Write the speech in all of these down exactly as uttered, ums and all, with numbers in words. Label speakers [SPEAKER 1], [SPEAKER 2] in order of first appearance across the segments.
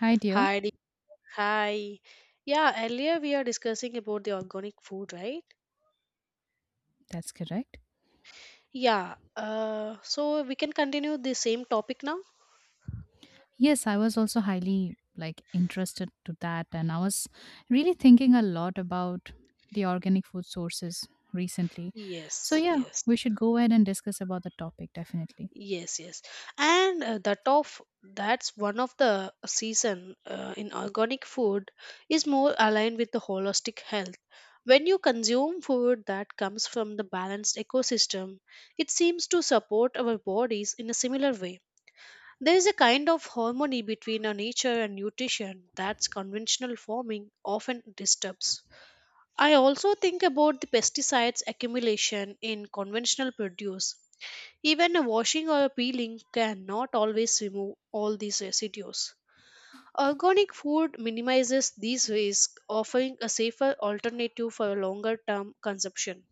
[SPEAKER 1] Hi, dear.
[SPEAKER 2] Hi, Dee- hi. Yeah, earlier we are discussing about the organic food, right?
[SPEAKER 1] That's correct.
[SPEAKER 2] Yeah. Uh, so we can continue the same topic now.
[SPEAKER 1] Yes, I was also highly like interested to that, and I was really thinking a lot about the organic food sources recently. So
[SPEAKER 2] Yes,
[SPEAKER 1] yeah,
[SPEAKER 2] yes,
[SPEAKER 1] we should go ahead and discuss about the topic definitely.
[SPEAKER 2] yes, yes. And uh, that of that's one of the season uh, in organic food is more aligned with the holistic health. When you consume food that comes from the balanced ecosystem, it seems to support our bodies in a similar way. There is a kind of harmony between our nature and nutrition that's conventional farming often disturbs. I also think about the pesticides accumulation in conventional produce. Even a washing or a peeling cannot always remove all these residues. Organic food minimizes these risks, offering a safer alternative for a longer term consumption.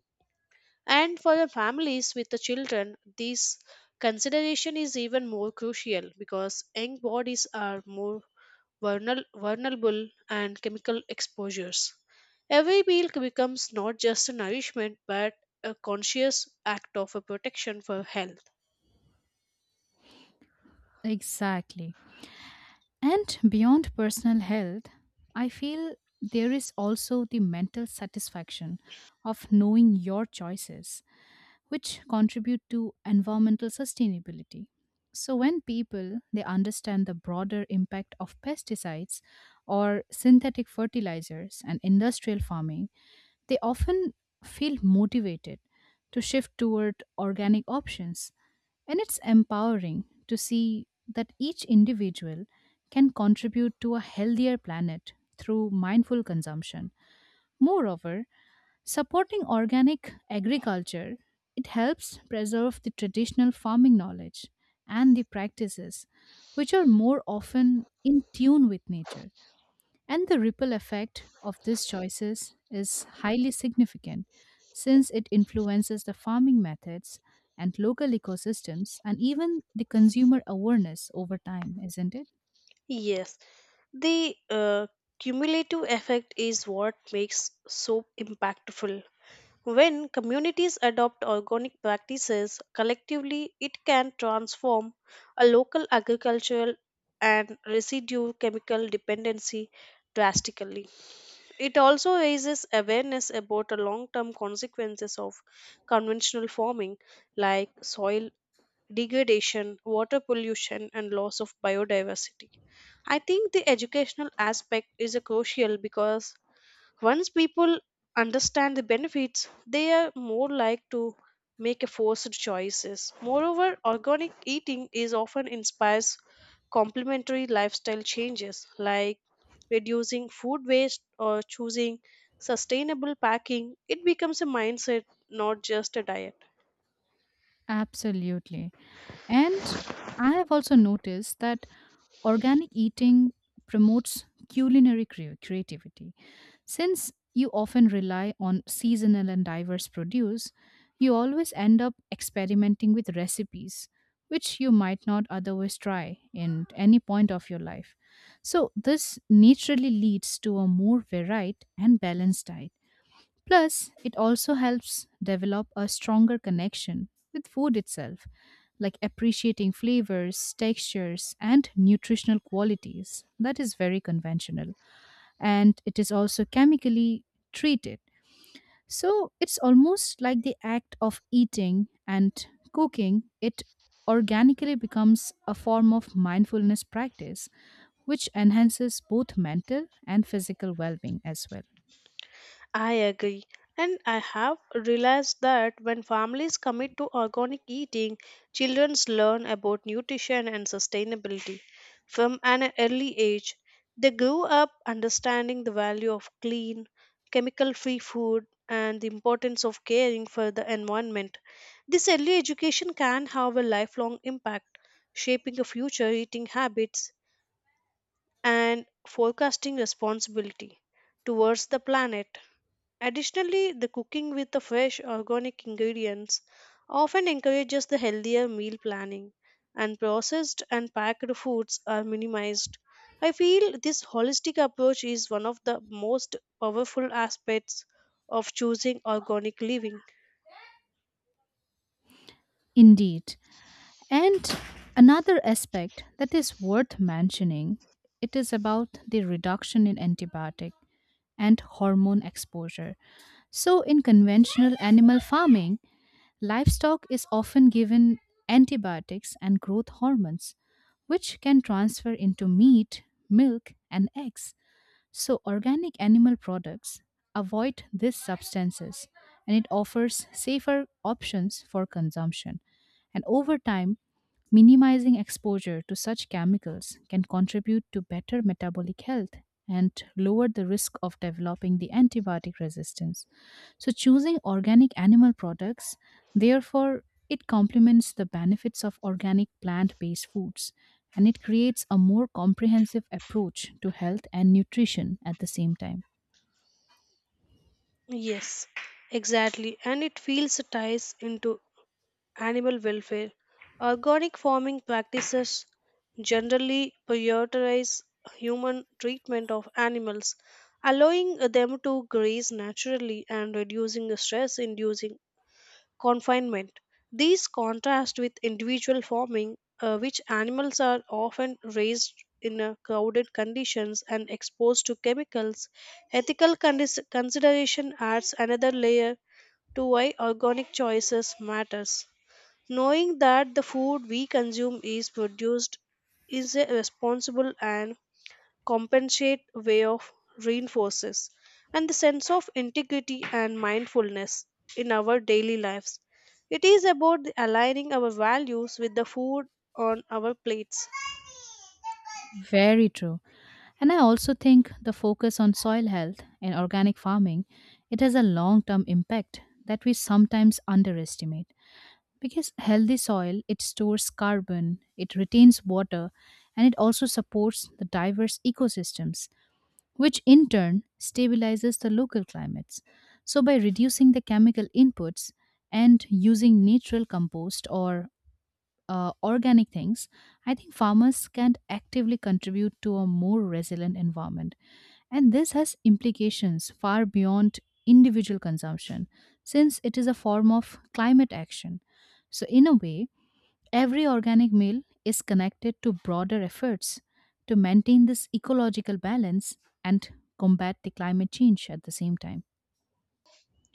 [SPEAKER 2] And for the families with the children, this consideration is even more crucial because young bodies are more vulner- vulnerable and chemical exposures. Every meal becomes not just a nourishment but a conscious act of a protection for health.
[SPEAKER 1] Exactly. And beyond personal health, I feel there is also the mental satisfaction of knowing your choices which contribute to environmental sustainability. So when people they understand the broader impact of pesticides or synthetic fertilizers and industrial farming, they often feel motivated to shift toward organic options. And it's empowering to see that each individual can contribute to a healthier planet through mindful consumption. Moreover, supporting organic agriculture, it helps preserve the traditional farming knowledge and the practices, which are more often in tune with nature. And the ripple effect of these choices is highly significant since it influences the farming methods and local ecosystems and even the consumer awareness over time, isn't it?
[SPEAKER 2] Yes, the uh, cumulative effect is what makes soap impactful. When communities adopt organic practices collectively, it can transform a local agricultural and residue chemical dependency drastically. It also raises awareness about the long term consequences of conventional farming, like soil degradation, water pollution, and loss of biodiversity. I think the educational aspect is a crucial because once people understand the benefits, they are more like to make a forced choices. Moreover, organic eating is often inspires complementary lifestyle changes like reducing food waste or choosing sustainable packing. It becomes a mindset, not just a diet.
[SPEAKER 1] Absolutely. And I have also noticed that organic eating promotes culinary cre- creativity. Since you often rely on seasonal and diverse produce, you always end up experimenting with recipes which you might not otherwise try in any point of your life. So, this naturally leads to a more varied and balanced diet. Plus, it also helps develop a stronger connection with food itself, like appreciating flavors, textures, and nutritional qualities. That is very conventional. And it is also chemically treated. So it's almost like the act of eating and cooking, it organically becomes a form of mindfulness practice, which enhances both mental and physical well being as well.
[SPEAKER 2] I agree. And I have realized that when families commit to organic eating, children learn about nutrition and sustainability from an early age. They grow up understanding the value of clean, chemical free food and the importance of caring for the environment. This early education can have a lifelong impact, shaping a future eating habits and forecasting responsibility towards the planet. Additionally, the cooking with the fresh organic ingredients often encourages the healthier meal planning, and processed and packed foods are minimized. I feel this holistic approach is one of the most powerful aspects of choosing organic living.
[SPEAKER 1] Indeed. And another aspect that is worth mentioning, it is about the reduction in antibiotic and hormone exposure. So in conventional animal farming, livestock is often given antibiotics and growth hormones which can transfer into meat, milk and eggs. So organic animal products avoid these substances and it offers safer options for consumption. And over time, minimizing exposure to such chemicals can contribute to better metabolic health and lower the risk of developing the antibiotic resistance. So, choosing organic animal products, therefore, it complements the benefits of organic plant based foods and it creates a more comprehensive approach to health and nutrition at the same time.
[SPEAKER 2] Yes, exactly, and it feels ties into animal welfare. Organic farming practices generally prioritize human treatment of animals, allowing them to graze naturally and reducing stress inducing confinement. These contrast with individual farming, uh, which animals are often raised in uh, crowded conditions and exposed to chemicals. Ethical condis- consideration adds another layer to why organic choices matters. Knowing that the food we consume is produced is a responsible and compensate way of reinforces and the sense of integrity and mindfulness in our daily lives. It is about the aligning our values with the food on our plates.
[SPEAKER 1] Very true. And I also think the focus on soil health and organic farming, it has a long-term impact that we sometimes underestimate. Because healthy soil, it stores carbon, it retains water, and it also supports the diverse ecosystems, which in turn stabilizes the local climates. So by reducing the chemical inputs and using natural compost or uh, organic things, I think farmers can actively contribute to a more resilient environment. And this has implications far beyond individual consumption, since it is a form of climate action. So, in a way, every organic meal is connected to broader efforts to maintain this ecological balance and combat the climate change at the same time.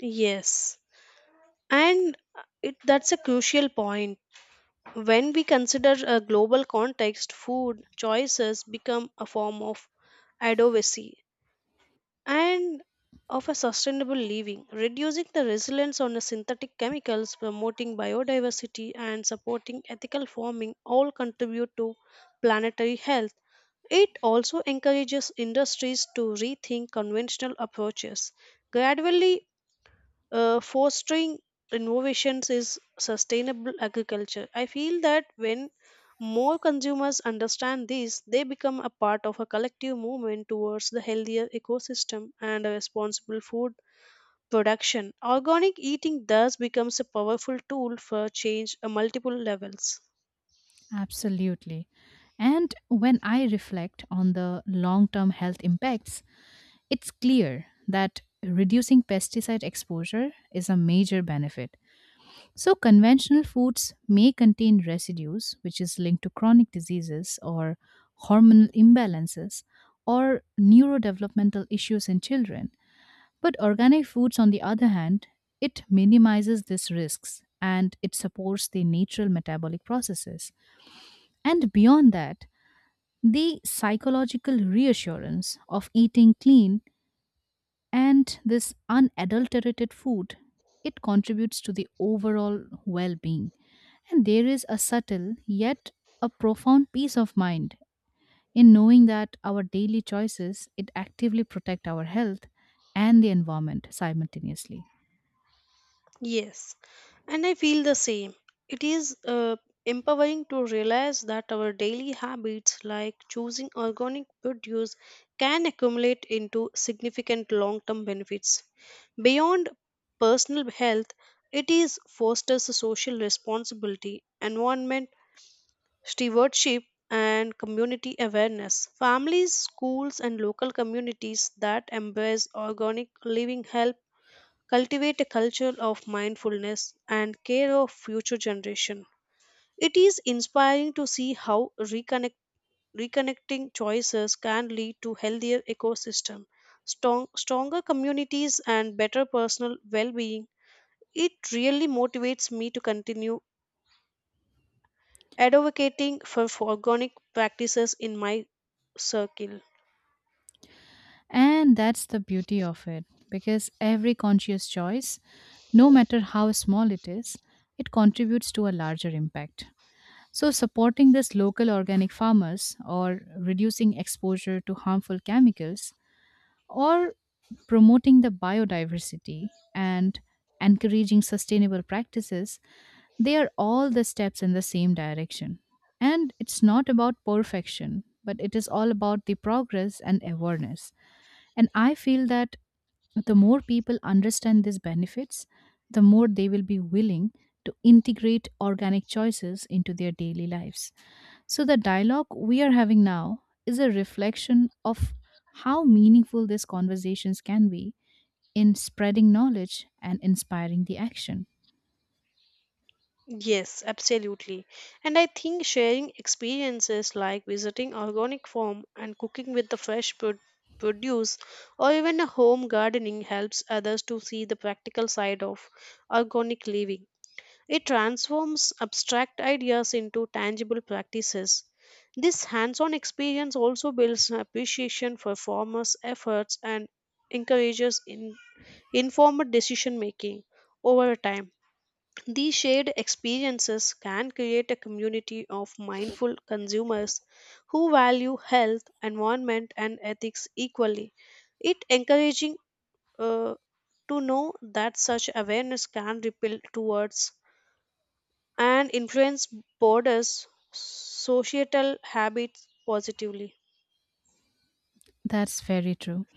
[SPEAKER 2] Yes, and it, that's a crucial point. When we consider a global context, food choices become a form of advocacy and of a sustainable living, reducing the reliance on the synthetic chemicals, promoting biodiversity, and supporting ethical farming all contribute to planetary health. It also encourages industries to rethink conventional approaches, gradually uh, fostering innovations is sustainable agriculture. I feel that when more consumers understand this, they become a part of a collective movement towards the healthier ecosystem and a responsible food production. Organic eating thus becomes a powerful tool for change at multiple levels.
[SPEAKER 1] Absolutely. And when I reflect on the long term health impacts, it's clear that reducing pesticide exposure is a major benefit. So, conventional foods may contain residues, which is linked to chronic diseases or hormonal imbalances or neurodevelopmental issues in children. But organic foods, on the other hand, it minimizes these risks and it supports the natural metabolic processes. And beyond that, the psychological reassurance of eating clean and this unadulterated food, it contributes to the overall well being. And there is a subtle yet a profound peace of mind in knowing that our daily choices it actively protect our health and the environment simultaneously.
[SPEAKER 2] Yes, and I feel the same. It is uh, empowering to realize that our daily habits, like choosing organic produce, can accumulate into significant long term benefits. Beyond personal health, it is fosters social responsibility, environment stewardship, and community awareness. Families, schools, and local communities that embrace organic living help cultivate a culture of mindfulness and care of future generation. It is inspiring to see how reconnect, reconnecting choices can lead to healthier ecosystem, strong, stronger communities and better personal well-being. It really motivates me to continue advocating for organic practices in my circle.
[SPEAKER 1] And that's the beauty of it because every conscious choice, no matter how small it is, it contributes to a larger impact. So, supporting this local organic farmers or reducing exposure to harmful chemicals or promoting the biodiversity and encouraging sustainable practices, they are all the steps in the same direction. And it's not about perfection, but it is all about the progress and awareness. And I feel that the more people understand these benefits, the more they will be willing to integrate organic choices into their daily lives. So, the dialogue we are having now is a reflection of how meaningful these conversations can be in spreading knowledge and inspiring the action.
[SPEAKER 2] Yes, absolutely. And I think sharing experiences like visiting organic farm and cooking with the fresh pro- produce or even a home gardening helps others to see the practical side of organic living. It transforms abstract ideas into tangible practices. This hands-on experience also builds an appreciation for farmers' efforts and encourages in informed decision making over time. These shared experiences can create a community of mindful consumers who value health, environment, and ethics equally. It encouraging uh, to know that such awareness can ripple towards and influence borders, societal habits positively.
[SPEAKER 1] That's very true.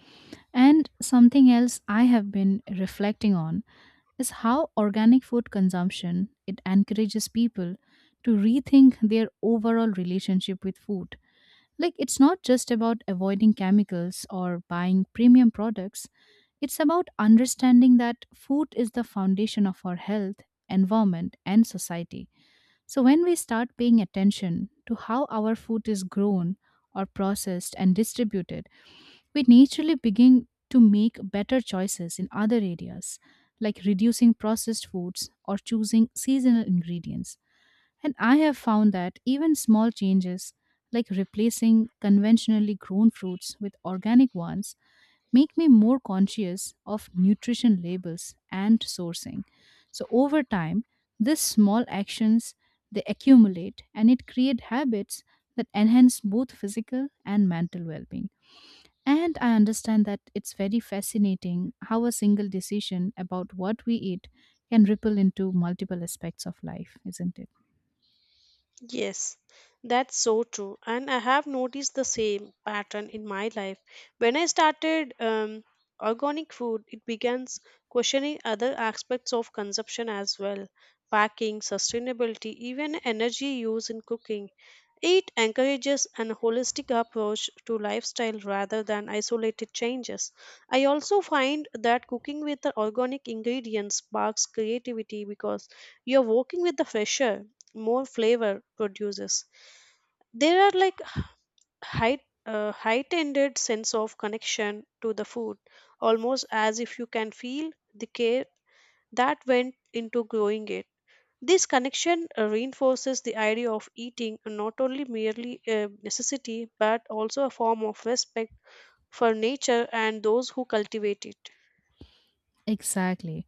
[SPEAKER 1] And something else I have been reflecting on is how organic food consumption it encourages people to rethink their overall relationship with food. Like, it's not just about avoiding chemicals or buying premium products, it's about understanding that food is the foundation of our health, environment, and society. So, when we start paying attention to how our food is grown or processed and distributed, we naturally begin to make better choices in other areas, like reducing processed foods or choosing seasonal ingredients. And I have found that even small changes, like replacing conventionally grown fruits with organic ones, make me more conscious of nutrition labels and sourcing. So over time, these small actions they accumulate and it create habits that enhance both physical and mental well-being. And I understand that it's very fascinating how a single decision about what we eat can ripple into multiple aspects of life, isn't it?
[SPEAKER 2] Yes, that's so true. And I have noticed the same pattern in my life. When I started um, organic food, it begins questioning other aspects of consumption as well packing, sustainability, even energy use in cooking. It encourages an holistic approach to lifestyle rather than isolated changes. I also find that cooking with the organic ingredients sparks creativity because you're working with the fresher, more flavor produces. There are like height. Uh, heightened sense of connection to the food, almost as if you can feel the care that went into growing it. This connection uh, reinforces the idea of eating not only merely a necessity but also a form of respect for nature and those who cultivate it.
[SPEAKER 1] Exactly.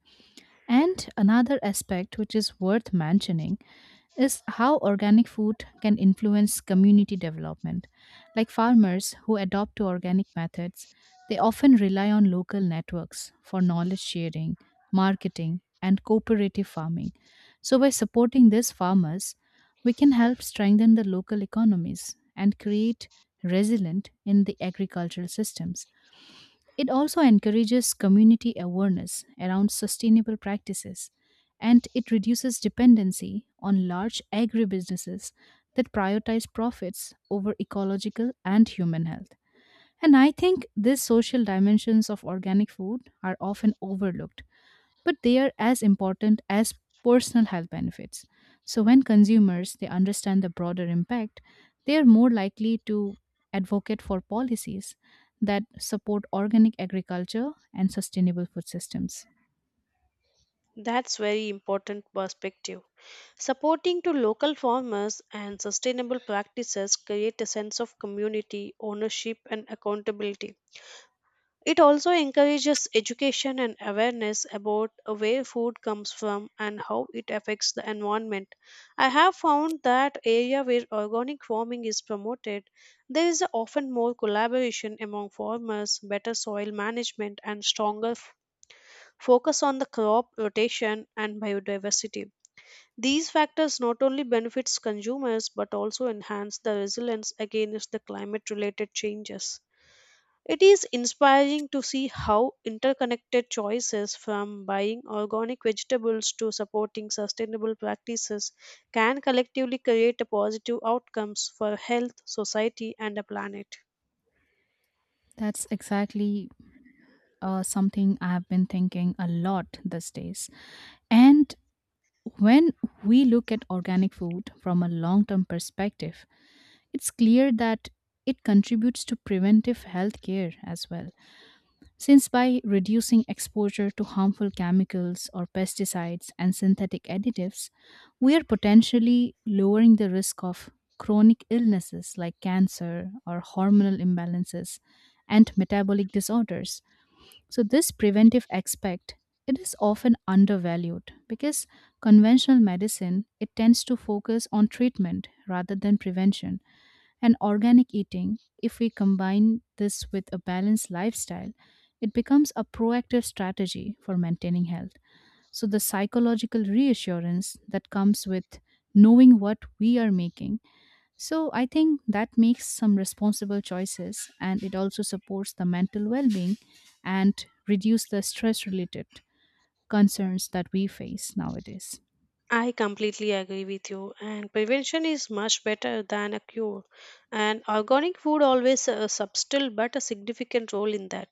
[SPEAKER 1] And another aspect which is worth mentioning is how organic food can influence community development. Like farmers who adopt to organic methods, they often rely on local networks for knowledge sharing, marketing, and cooperative farming. So, by supporting these farmers, we can help strengthen the local economies and create resilient in the agricultural systems. It also encourages community awareness around sustainable practices and it reduces dependency on large agribusinesses that prioritize profits over ecological and human health. And I think these social dimensions of organic food are often overlooked but they are as important as personal health benefits. So when consumers they understand the broader impact, they are more likely to advocate for policies that support organic agriculture and sustainable food systems.
[SPEAKER 2] That's very important perspective. Supporting to local farmers and sustainable practices create a sense of community, ownership and accountability. It also encourages education and awareness about where food comes from and how it affects the environment. I have found that area where organic farming is promoted, there is often more collaboration among farmers, better soil management, and stronger f- focus on the crop rotation and biodiversity. These factors not only benefits consumers but also enhance the resilience against the climate related changes. It is inspiring to see how interconnected choices from buying organic vegetables to supporting sustainable practices can collectively create a positive outcomes for health, society and the planet.
[SPEAKER 1] That's exactly uh, something I have been thinking a lot these days. And when we look at organic food from a long term perspective, it's clear that it contributes to preventive health care as well. Since by reducing exposure to harmful chemicals or pesticides and synthetic additives, we are potentially lowering the risk of chronic illnesses like cancer or hormonal imbalances and metabolic disorders. So this preventive aspect it is often undervalued because conventional medicine it tends to focus on treatment rather than prevention and organic eating, if we combine this with a balanced lifestyle, it becomes a proactive strategy for maintaining health. So, the psychological reassurance that comes with knowing what we are making. So, I think that makes some responsible choices and it also supports the mental well being and reduce the stress related concerns that we face nowadays.
[SPEAKER 2] I completely agree with you and prevention is much better than a cure and organic food always a subtle but a significant role in that.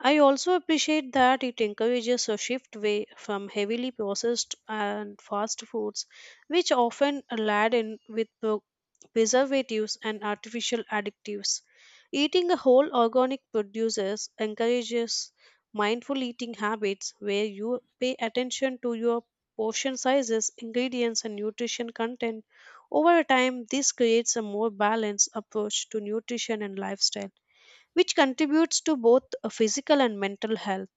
[SPEAKER 2] I also appreciate that it encourages a shift away from heavily processed and fast foods, which often are laden with pro- preservatives and artificial additives. Eating a whole organic produces encourages mindful eating habits where you pay attention to your portion sizes, ingredients, and nutrition content. Over time, this creates a more balanced approach to nutrition and lifestyle which contributes to both uh, physical and mental health.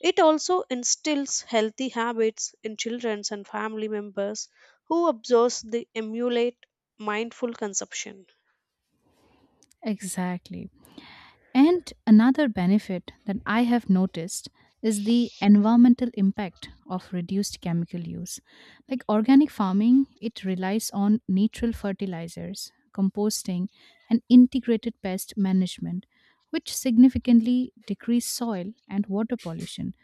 [SPEAKER 2] It also instills healthy habits in children and family members who observes the emulate mindful consumption.
[SPEAKER 1] Exactly. And another benefit that I have noticed is the environmental impact of reduced chemical use. Like organic farming, it relies on natural fertilizers, composting, and integrated pest management, which significantly decrease soil and water pollution.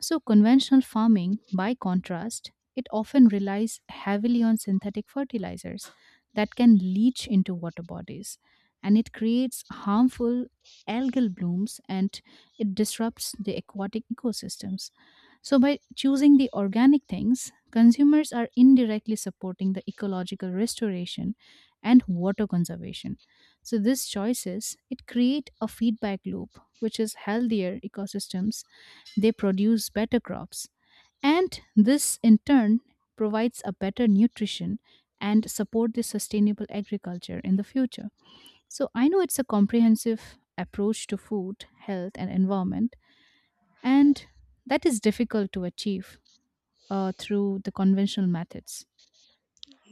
[SPEAKER 1] So, conventional farming, by contrast, it often relies heavily on synthetic fertilizers that can leach into water bodies and it creates harmful algal blooms and it disrupts the aquatic ecosystems. So, by choosing the organic things, consumers are indirectly supporting the ecological restoration and water conservation. So, these choices it create a feedback loop, which is healthier ecosystems they produce better crops. And this, in turn, provides a better nutrition and support the sustainable agriculture in the future. So I know it's a comprehensive approach to food, health, and environment, and that is difficult to achieve uh, through the conventional methods.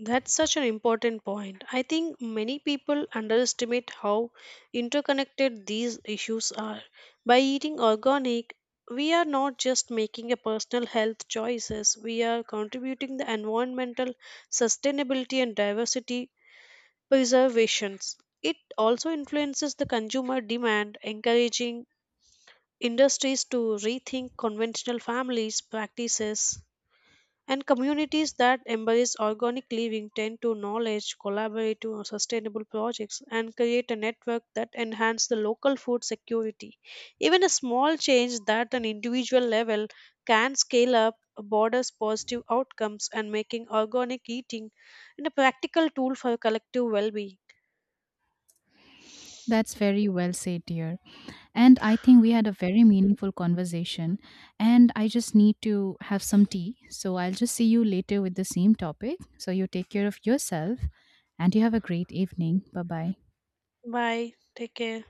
[SPEAKER 2] That's such an important point. I think many people underestimate how interconnected these issues are. By eating organic, we are not just making a personal health choices, we are contributing the environmental sustainability and diversity preservations. It also influences the consumer demand, encouraging industries to rethink conventional families practices and communities that embrace organic living tend to knowledge collaborative or sustainable projects and create a network that enhance the local food security even a small change that an individual level can scale up borders positive outcomes and making organic eating and a practical tool for collective well-being.
[SPEAKER 1] That's very well said, dear. And I think we had a very meaningful conversation. And I just need to have some tea. So I'll just see you later with the same topic. So you take care of yourself and you have a great evening. Bye bye.
[SPEAKER 2] Bye. Take care.